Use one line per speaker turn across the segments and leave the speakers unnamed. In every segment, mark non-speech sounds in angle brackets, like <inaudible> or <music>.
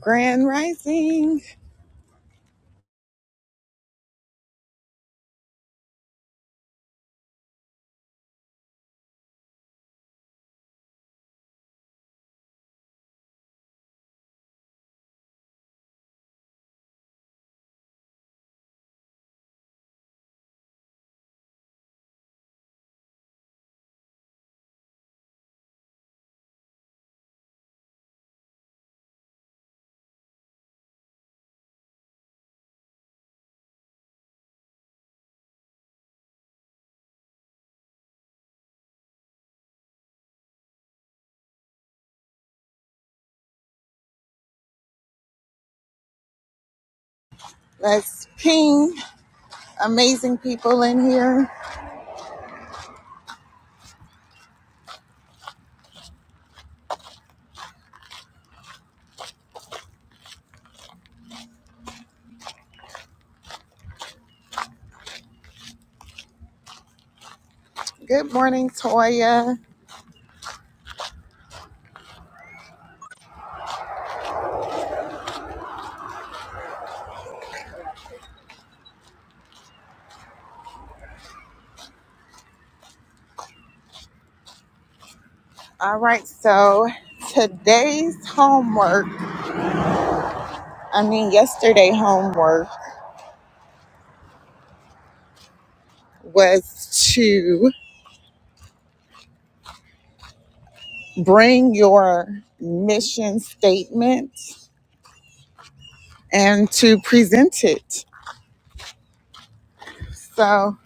Grand Rising. Let's ping amazing people in here. Good morning, Toya. All right, so today's homework, I mean, yesterday homework was to bring your mission statement and to present it. So,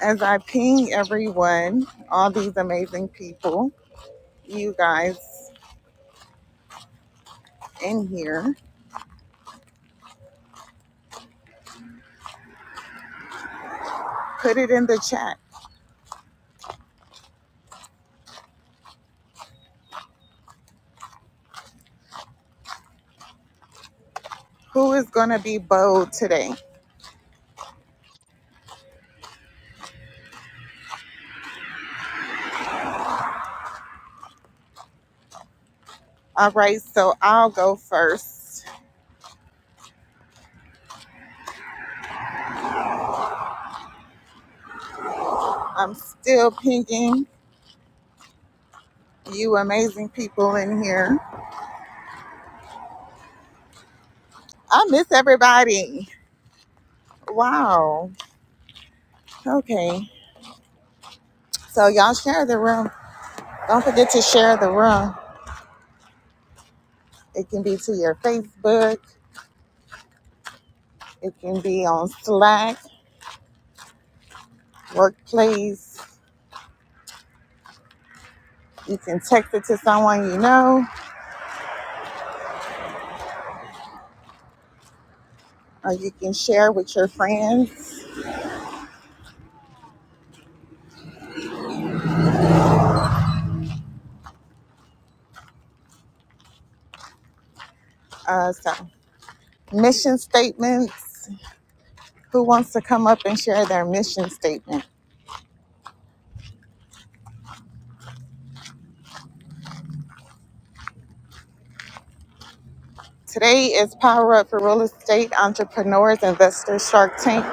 as I ping everyone, all these amazing people, you guys in here, put it in the chat Who is going to be bold today? All right, so I'll go first. I'm still pinging you amazing people in here. I miss everybody. Wow. Okay. So y'all share the room. Don't forget to share the room. It can be to your Facebook, it can be on Slack, workplace. You can text it to someone you know, or you can share with your friends. Uh, so, mission statements. Who wants to come up and share their mission statement? Today is Power Up for Real Estate Entrepreneurs, Investors, Shark Tank.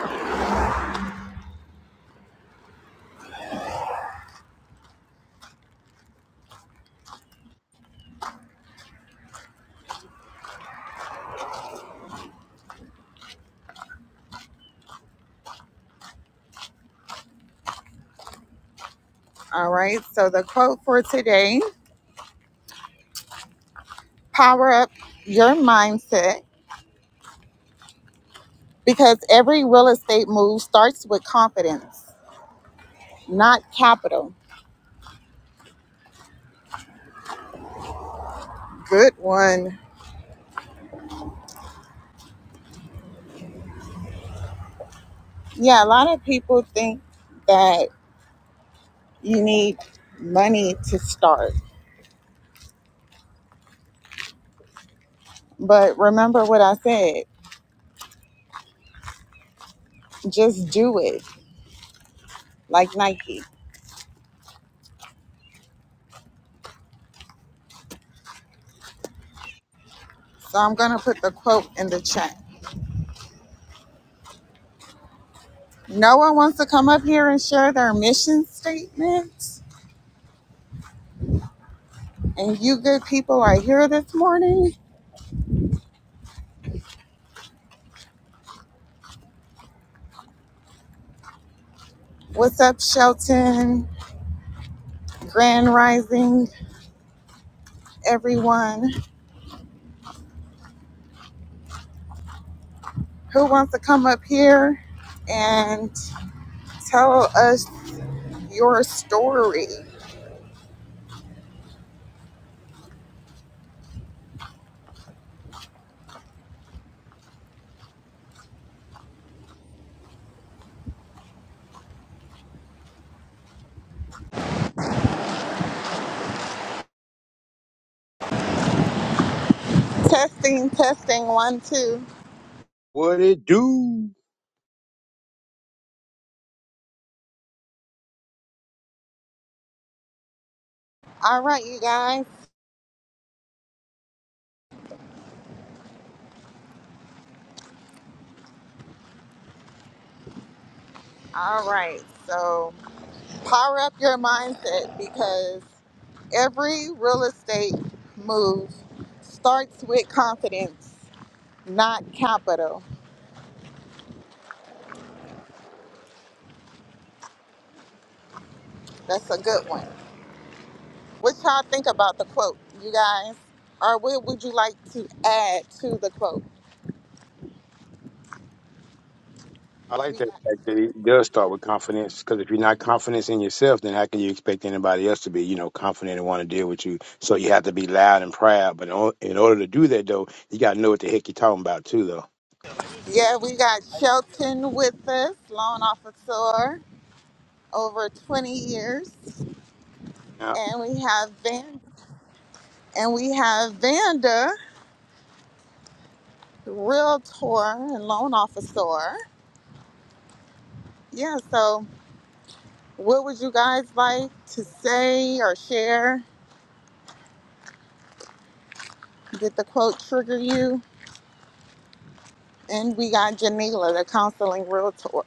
All right, so the quote for today Power Up Your Mindset because every real estate move starts with confidence, not capital. Good one. Yeah, a lot of people think that you need money to start, but remember what I said just do it like Nike. So I'm going to put the quote in the chat. No one wants to come up here and share their mission statement, And you good people are here this morning. What's up, Shelton? Grand Rising, everyone. Who wants to come up here and tell us your story? Testing, testing, one, two.
What it do?
All right, you guys. All right. So power up your mindset because every real estate move starts with confidence not capital. That's a good one. What y'all think about the quote, you guys? Or what would you like to add to the quote?
I
We
like that
got,
fact that it does start with confidence because if you're not confident in yourself, then how can you expect anybody else to be, you know, confident and want to deal with you? So you have to be loud and proud. But in or- in order to do that, though, you got to know what the heck you're talking about, too, though.
yeah, we got Shelton with us, loan officer, over 20 years, and we have Van, and we have Vanda, realtor and loan officer. Yeah, so what would you guys like to say or share? Did the quote trigger you? And we got Janila, the counseling realtor.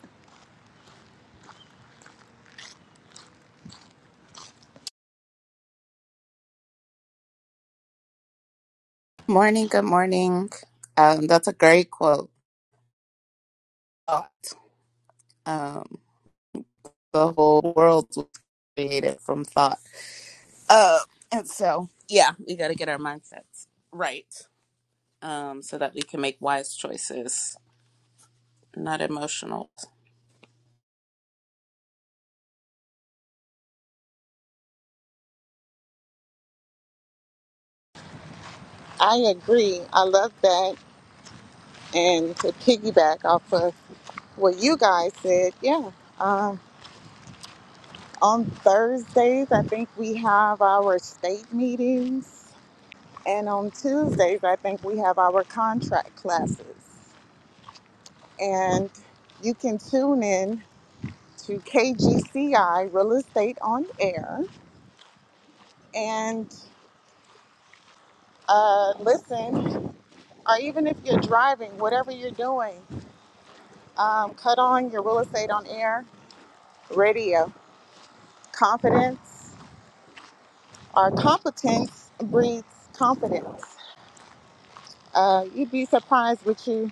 Morning, good morning. Um, that's a great quote. Thought, Um, the whole world was created from thought. Uh, and so, yeah, we got to get our mindsets right um, so that we can make wise choices, not emotional.
I agree. I love that. And to piggyback off of what you guys said, yeah. Um, on Thursdays, I think we have our state meetings. And on Tuesdays, I think we have our contract classes. And you can tune in to KGCI Real Estate on Air and uh, listen, or even if you're driving, whatever you're doing Um, cut on your real estate on air radio. Confidence or competence breeds confidence. Uh, you'd be surprised what you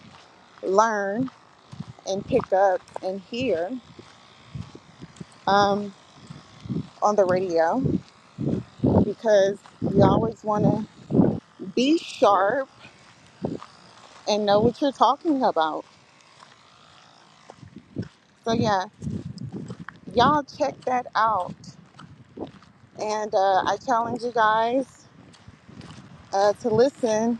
learn and pick up and hear um, on the radio because you always want to be sharp and know what you're talking about. So, yeah, y'all check that out. And uh, I challenge you guys uh, to listen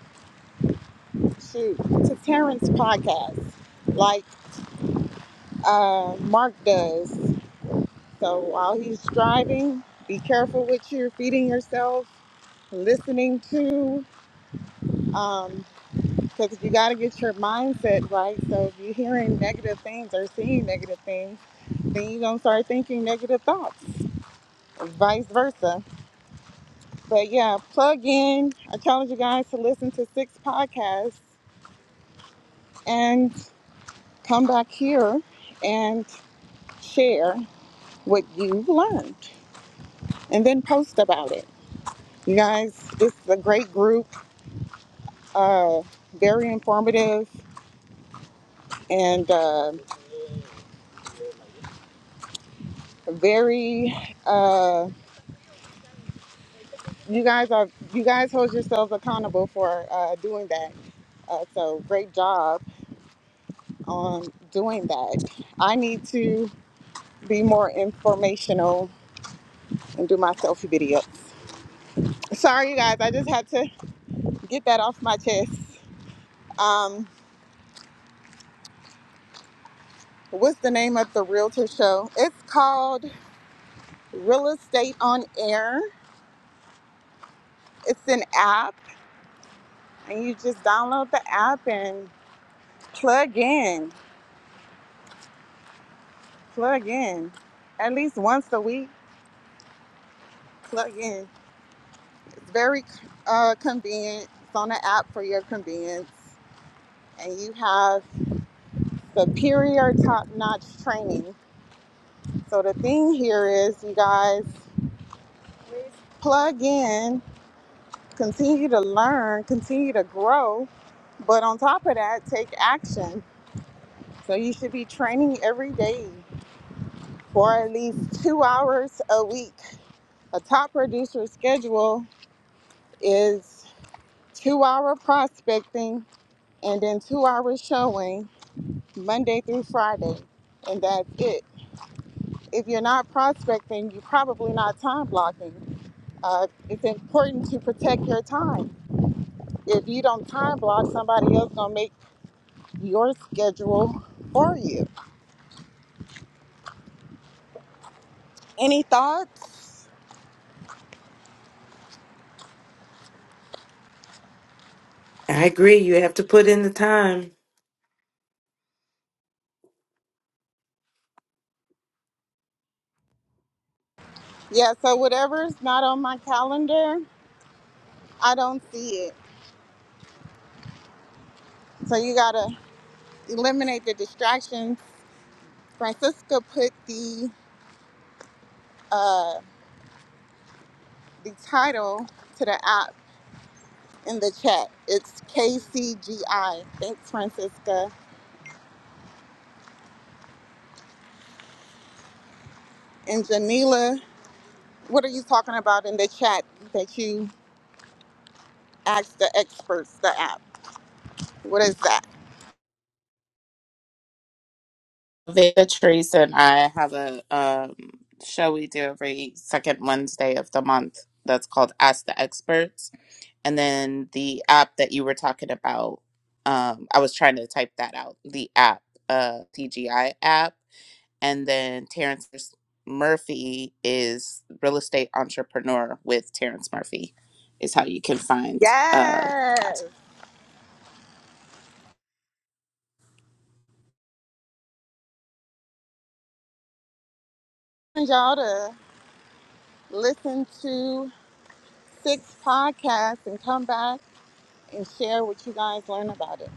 to, to Terrence's podcast. like. uh, Mark does. So while he's driving, be careful what you're feeding yourself, listening to, um, because you got to get your mindset right. So if you're hearing negative things or seeing negative things, then you're going to start thinking negative thoughts, vice versa. But yeah, plug in. I challenge you guys to listen to six podcasts and come back here and share what you've learned and then post about it. You guys, this is a great group, uh, very informative and uh, very. Uh, you guys are you guys hold yourselves accountable for uh, doing that. Uh, so great job on doing that. I need to be more informational and do my selfie videos. Sorry, you guys, I just had to get that off my chest. Um, what's the name of the realtor show? It's called Real Estate on Air. It's an app and you just download the app and plug in, plug in, at least once a week. Plug in. It's very uh, convenient. It's on the app for your convenience, and you have superior, top-notch training. So the thing here is, you guys plug in, continue to learn, continue to grow, but on top of that, take action. So you should be training every day for at least two hours a week A top producer schedule is two hour prospecting and then two hours showing Monday through Friday. And that's it. If you're not prospecting, you're probably not time blocking. Uh, it's important to protect your time. If you don't time block, somebody else gonna make your schedule for you. Any thoughts?
I agree. You have to put in the time.
Yeah, so whatever's not on my calendar, I don't see it. So you gotta eliminate the distractions Francisca put the uh, the title to the app in the chat. It's KCGI. Thanks, Francisca. And Janila, what are you talking about in the chat that you asked the experts the app? What is that?
Veda Therese and I have a um, show we do every second Wednesday of the month that's called Ask the Experts and then the app that you were talking about um i was trying to type that out the app uh tgi app and then terrence murphy is real estate entrepreneur with terrence murphy is how you can find uh Cass.
Yes. And y'all to listen to six podcasts and come back and share what you guys learn about it.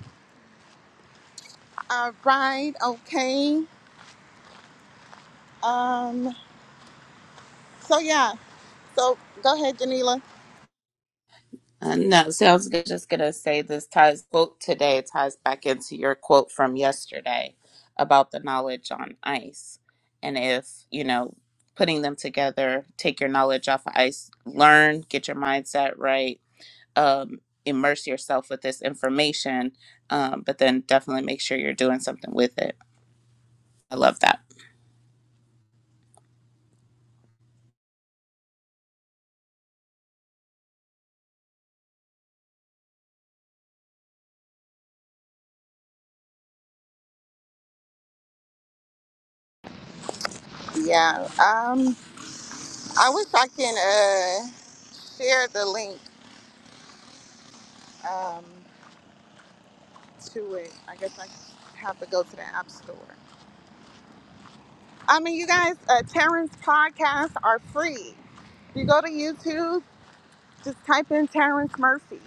All right. Okay. Um. So yeah. So go ahead, Janila.
Uh, no, so I was g- just going to say this ties quote today ties back into your quote from yesterday about the knowledge on ice. And if, you know, putting them together, take your knowledge off of ice, learn, get your mindset right, um, immerse yourself with this information, um, but then definitely make sure you're doing something with it. I love that.
Yeah. Um, I wish I can uh, share the link um, to it. I guess I have to go to the app store. I mean, you guys, uh, Terrence podcasts are free. you go to YouTube, just type in Terrence Murphy.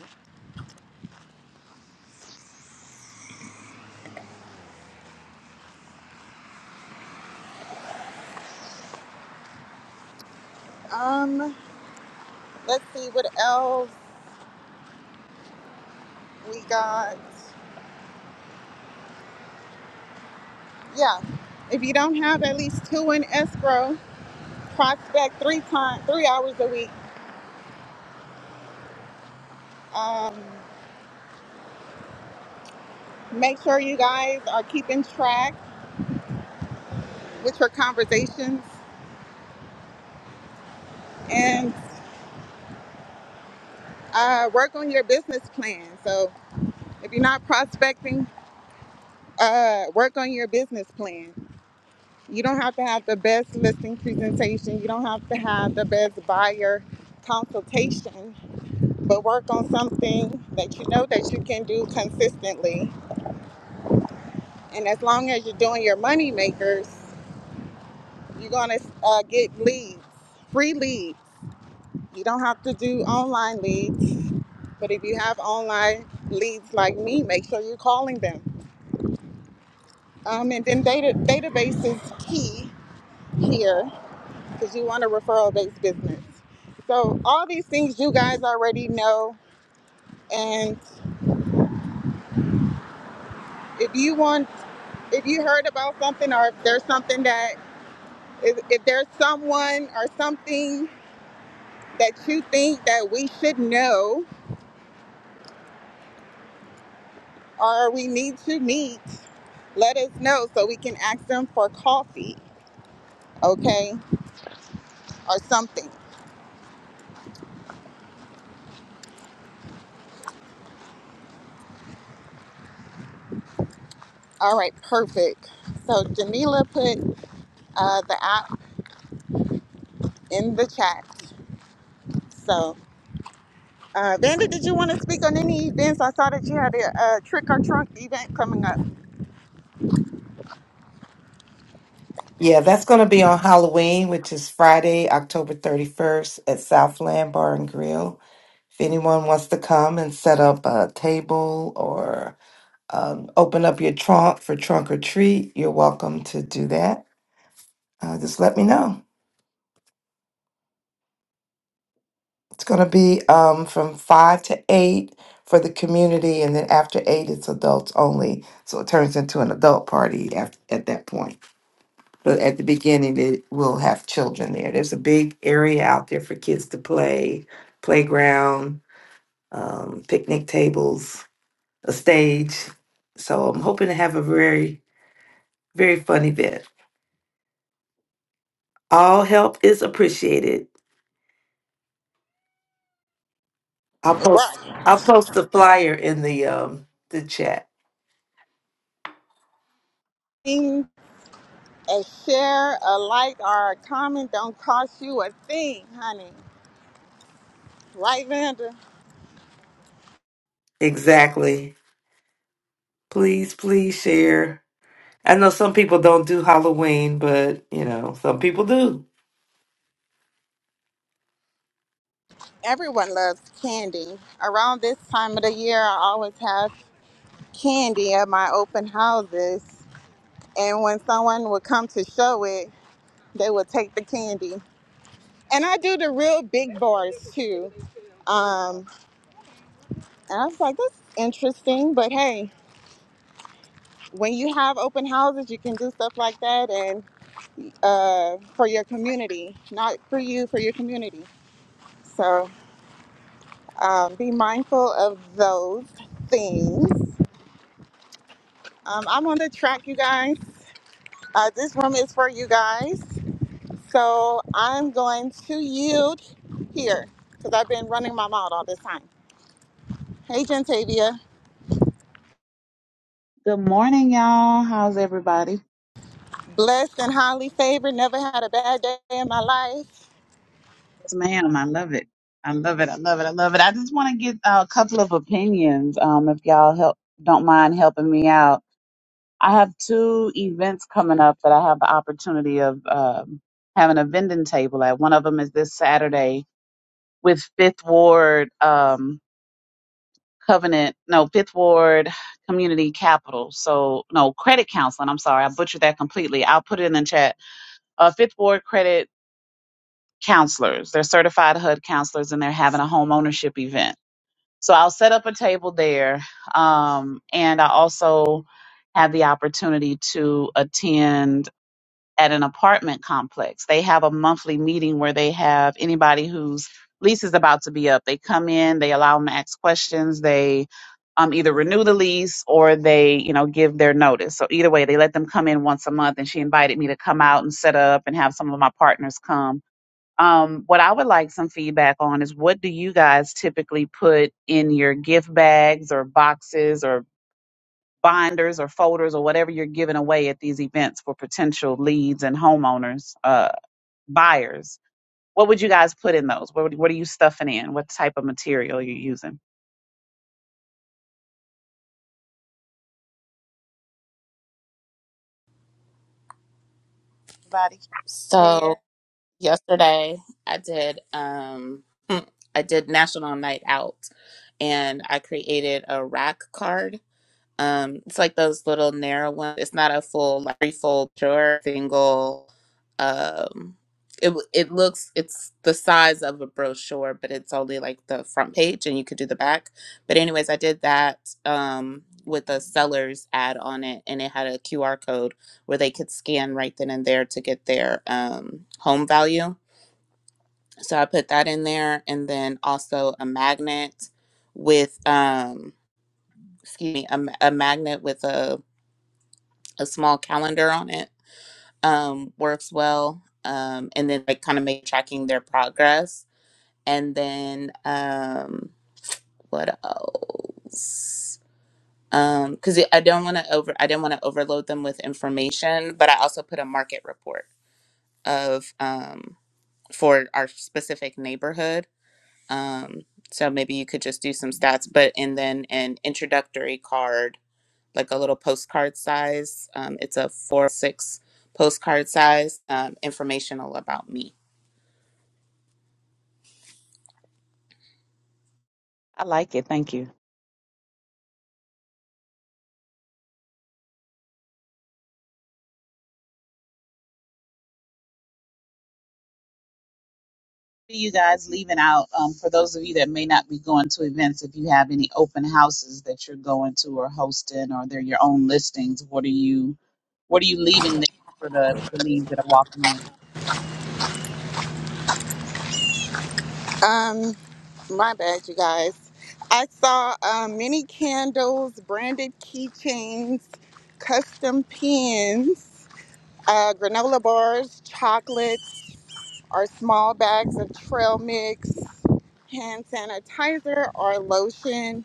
Um, let's see what else we got. Yeah. If you don't have at least two in escrow, prospect three times, three hours a week. Um, make sure you guys are keeping track with your conversations and uh, work on your business plan. So if you're not prospecting, uh, work on your business plan. You don't have to have the best listing presentation. You don't have to have the best buyer consultation, but work on something that you know that you can do consistently. And as long as you're doing your money makers, you're gonna uh, get leads, free leads. You don't have to do online leads But if you have online leads like me, make sure you're calling them. Um, and then data database is key here because you want a referral based business. So all these things you guys already know. And if you want, if you heard about something or if there's something that, if, if there's someone or something that you think that we should know or we need to meet, let us know so we can ask them for coffee, okay, or something. All right, perfect. So Janila put uh, the app in the chat. So, uh, Vanda, did you want to speak on any events? I saw that you had a, uh trick or trunk event coming up.
Yeah, that's going to be on Halloween, which is Friday, October 31st at Southland Bar and Grill. If anyone wants to come and set up a table or um, open up your trunk for trunk or treat, you're welcome to do that. Uh, just let me know. It's going to be um, from 5 to 8 for the community, and then after 8, it's adults only. So it turns into an adult party after, at that point. But at the beginning, it will have children there. There's a big area out there for kids to play, playground, um, picnic tables, a stage. So I'm hoping to have a very, very fun event. All help is appreciated. I'll post.
Right.
I'll post the flyer in the um, the chat.
Thing, A share, a like, or a comment don't cost you a thing, honey. Right, Vanda?
Exactly. Please, please share. I know some people don't do Halloween, but you know some people do.
Everyone loves candy. Around this time of the year, I always have candy at my open houses. And when someone would come to show it, they would take the candy. and I do the real big bars too. Um, and I was like, that's interesting, but hey, when you have open houses, you can do stuff like that and uh, for your community, not for you, for your community. So um, be mindful of those things. Um, I'm on the track, you guys. Uh, this room is for you guys. So I'm going to yield here because I've been running my mouth all this time. Hey, Gentavia.
Good morning, y'all. How's everybody?
blessed and highly favored. Never had a bad day in my life.
Yes, ma'am. I love it. I love it. I love it. I love it. I just want to get uh, a couple of opinions. Um, if y'all help, don't mind helping me out. I have two events coming up that I have the opportunity of um, having a vending table at. One of them is this Saturday with Fifth Ward um, Covenant, no Fifth Ward Community Capital. So no credit counseling. I'm sorry, I butchered that completely. I'll put it in the chat uh, Fifth Ward Credit counselors. They're certified HUD counselors and they're having a home ownership event. So I'll set up a table there. Um, and I also had the opportunity to attend at an apartment complex. They have a monthly meeting where they have anybody whose lease is about to be up. They come in, they allow them to ask questions, they um, either renew the lease or they, you know, give their notice. So either way, they let them come in once a month. And she invited me to come out and set up and have some of my partners come um, what I would like some feedback on is what do you guys typically put in your gift bags or boxes or binders or folders or whatever you're giving away at these events for potential leads and homeowners, uh, buyers? What would you guys put in those? What, would, what are you stuffing in? What type of material are you using? Anybody
So,
care?
yesterday i did um <laughs> <clears throat> i did national night out and i created a rack card um it's like those little narrow ones it's not a full like three fold drawer single um it, w- it looks it's the size of a brochure but it's only like the front page and you could do the back but anyways i did that um with a seller's ad on it and it had a qr code where they could scan right then and there to get their um home value so I put that in there, and then also a magnet with, um, excuse me, a, ma- a magnet with a, a small calendar on it um, works well. Um, and then like kind of make tracking their progress. And then um, what else? Um, because I don't want to over, I didn't want to overload them with information, but I also put a market report of um for our specific neighborhood Um, so maybe you could just do some stats, but and then an introductory card, like a little postcard size. Um, it's a four six postcard size, um, informational about me.
I like it. Thank you. you guys leaving out um, for those of you that may not be going to events if you have any open houses that you're going to or hosting or they're your own listings what are you what are you leaving there for the, the leads that are walking in
Um, my bad, you guys. I saw um, many candles, branded keychains, custom pins, uh, granola bars, chocolates, or small bags of trail mix, hand sanitizer or lotion,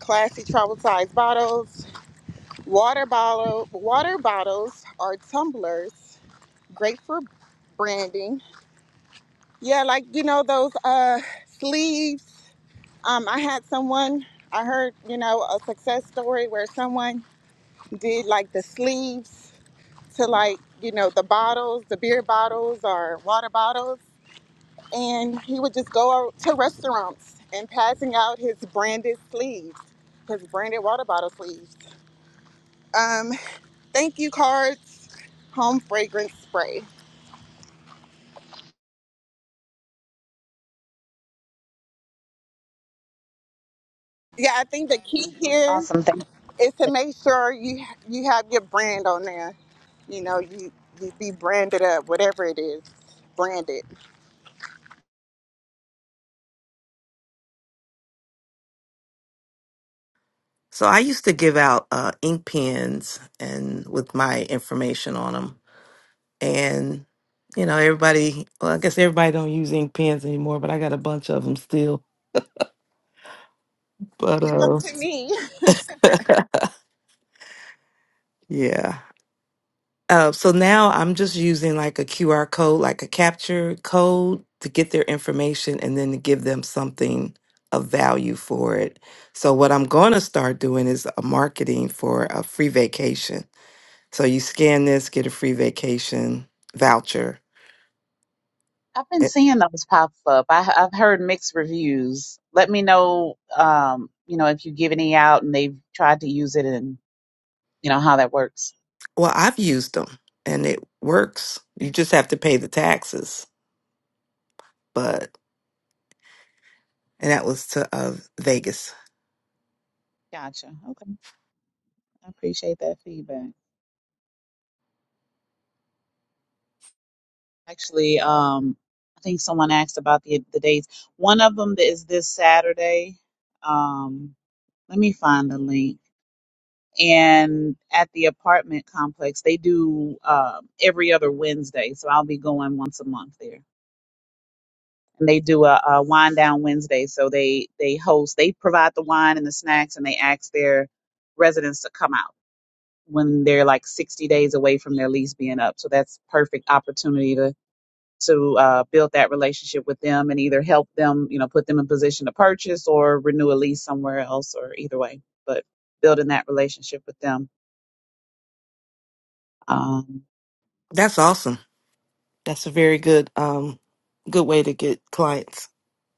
classy travel size bottles, water bottle, water bottles or tumblers. Great for branding Yeah, like you know those uh sleeves. Um, I had someone. I heard you know a success story where someone did like the sleeves to like you know the bottles, the beer bottles or water bottles, and he would just go to restaurants and passing out his branded sleeves, his branded water bottle sleeves. Um, thank you cards, home fragrance spray. Yeah, I think the key here
awesome thank you
is to make sure you you have your brand on there. You know, you you be branded up, whatever it is, branded.
So I used to give out uh, ink pens and with my information on them. And you know, everybody. Well, I guess everybody don't use ink pens anymore, but I got a bunch of them still. But
Give them
uh,
to me. <laughs>
<laughs> yeah. Uh, so now I'm just using like a QR code, like a capture code to get their information and then to give them something of value for it. So what I'm going to start doing is a marketing for a free vacation. So you scan this, get a free vacation voucher.
I've been
It,
seeing those pop up. I, I've heard mixed reviews. Let me know, um, you know, if you give any out and they've tried to use it and you know how that works.
well, I've used them and it works. You just have to pay the taxes. But and that was to uh, Vegas.
Gotcha. Okay, I appreciate that feedback. Actually, um, I think someone asked about the the dates. One of them is this Saturday. Um, let me find the link. And at the apartment complex, they do uh, every other Wednesday. So I'll be going once a month there. and they do a, a wine down Wednesday. So they they host, they provide the wine and the snacks, and they ask their residents to come out when they're like 60 days away from their lease being up. So that's perfect opportunity to to uh, build that relationship with them and either help them, you know, put them in position to purchase or renew a lease somewhere else, or either way. But building that relationship with them. Um,
That's awesome. That's a very good um good way to get clients.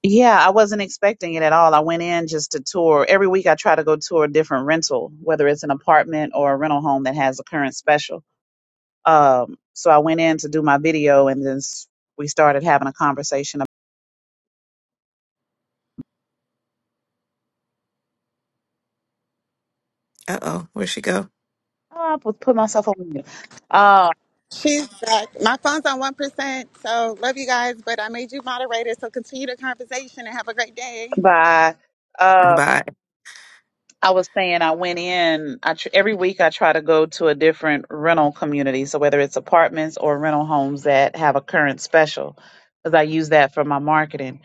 Yeah, I wasn't expecting it at all. I went in just to tour. Every week I try to go tour a different rental, whether it's an apartment or a rental home that has a current special. Um, so I went in to do my video and then s- we started having a conversation. about-
Uh oh, where'd she go?
Oh, I put put myself on mute. Uh,
She's back. My phone's on one percent, so love you guys. But I made you moderator, so continue the conversation and have a great day.
bye.
Bye.
I was saying I went in. I tr- every week I try to go to a different rental community, so whether it's apartments or rental homes that have a current special, because I use that for my marketing.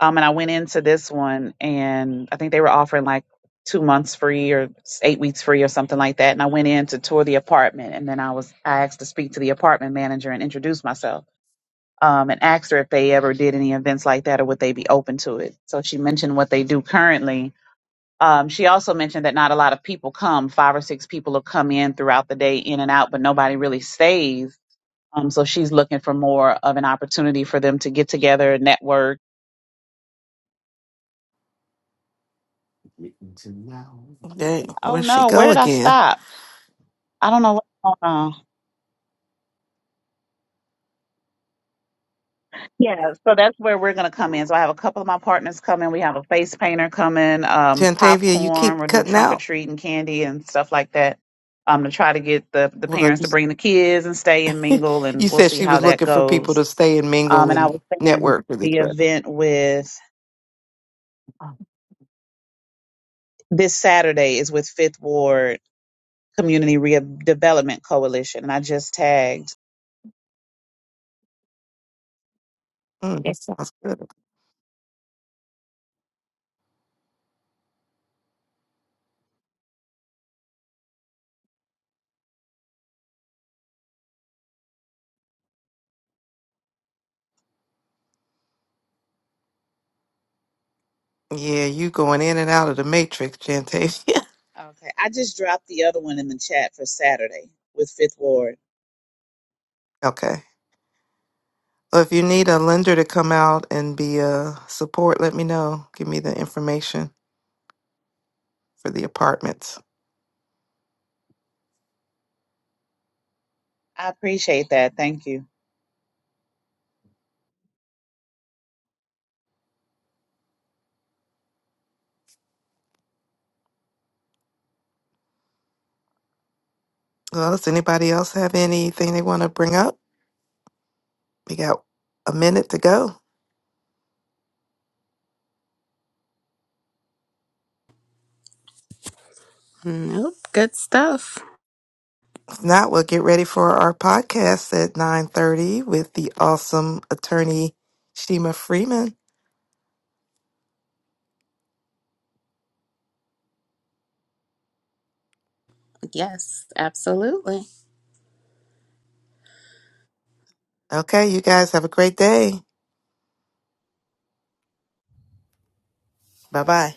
Um, and I went into this one, and I think they were offering like two months free or s- eight weeks free or something like that. And I went in to tour the apartment, and then I was I asked to speak to the apartment manager and introduce myself. Um, and asked her if they ever did any events like that or would they be open to it. So she mentioned what they do currently um, she also mentioned that not a lot of people come. Five or six people will come in throughout the day, in and out, but nobody really stays. Um, so she's looking for more of an opportunity for them to get together, network.
Dang,
Oh
where'd she
no, where
go
did I
again?
stop? I don't know what's going on. Yeah, so that's where we're going to come in. So I have a couple of my partners coming. We have a face painter coming, um,
Jantavia, you
popcorn.
keep
We'll do
cutting
trunk or
out.
treat and candy and stuff like that. Um, to try to get the the
Well,
parents to bring the kids and stay and
you,
mingle,
<laughs> you
and we'll
said
see
she
how
was
that
looking for people
goes
to stay and
Um,
mingle
and I
and
was saying
network with each
the
other.
event with
Oh.
this Saturday is with Fifth Ward Community Redevelopment Coalition, and I just tagged.
Mm, that sounds good. Yeah, you going in and out of the matrix, Jantavia.
Okay, I just dropped the other one in the chat for Saturday with Fifth Ward.
<laughs> okay. Well, if you need a lender to come out and be a support, let me know. Give me the information for the apartments.
I appreciate that. Thank you.
Well, does anybody else have anything they want to bring up? We got a minute to go.
Nope. Good stuff.
If not, we'll get ready for our podcast at 9.30 with the awesome attorney Shima Freeman.
Yes, absolutely.
Okay, you guys have a great day. Bye-bye.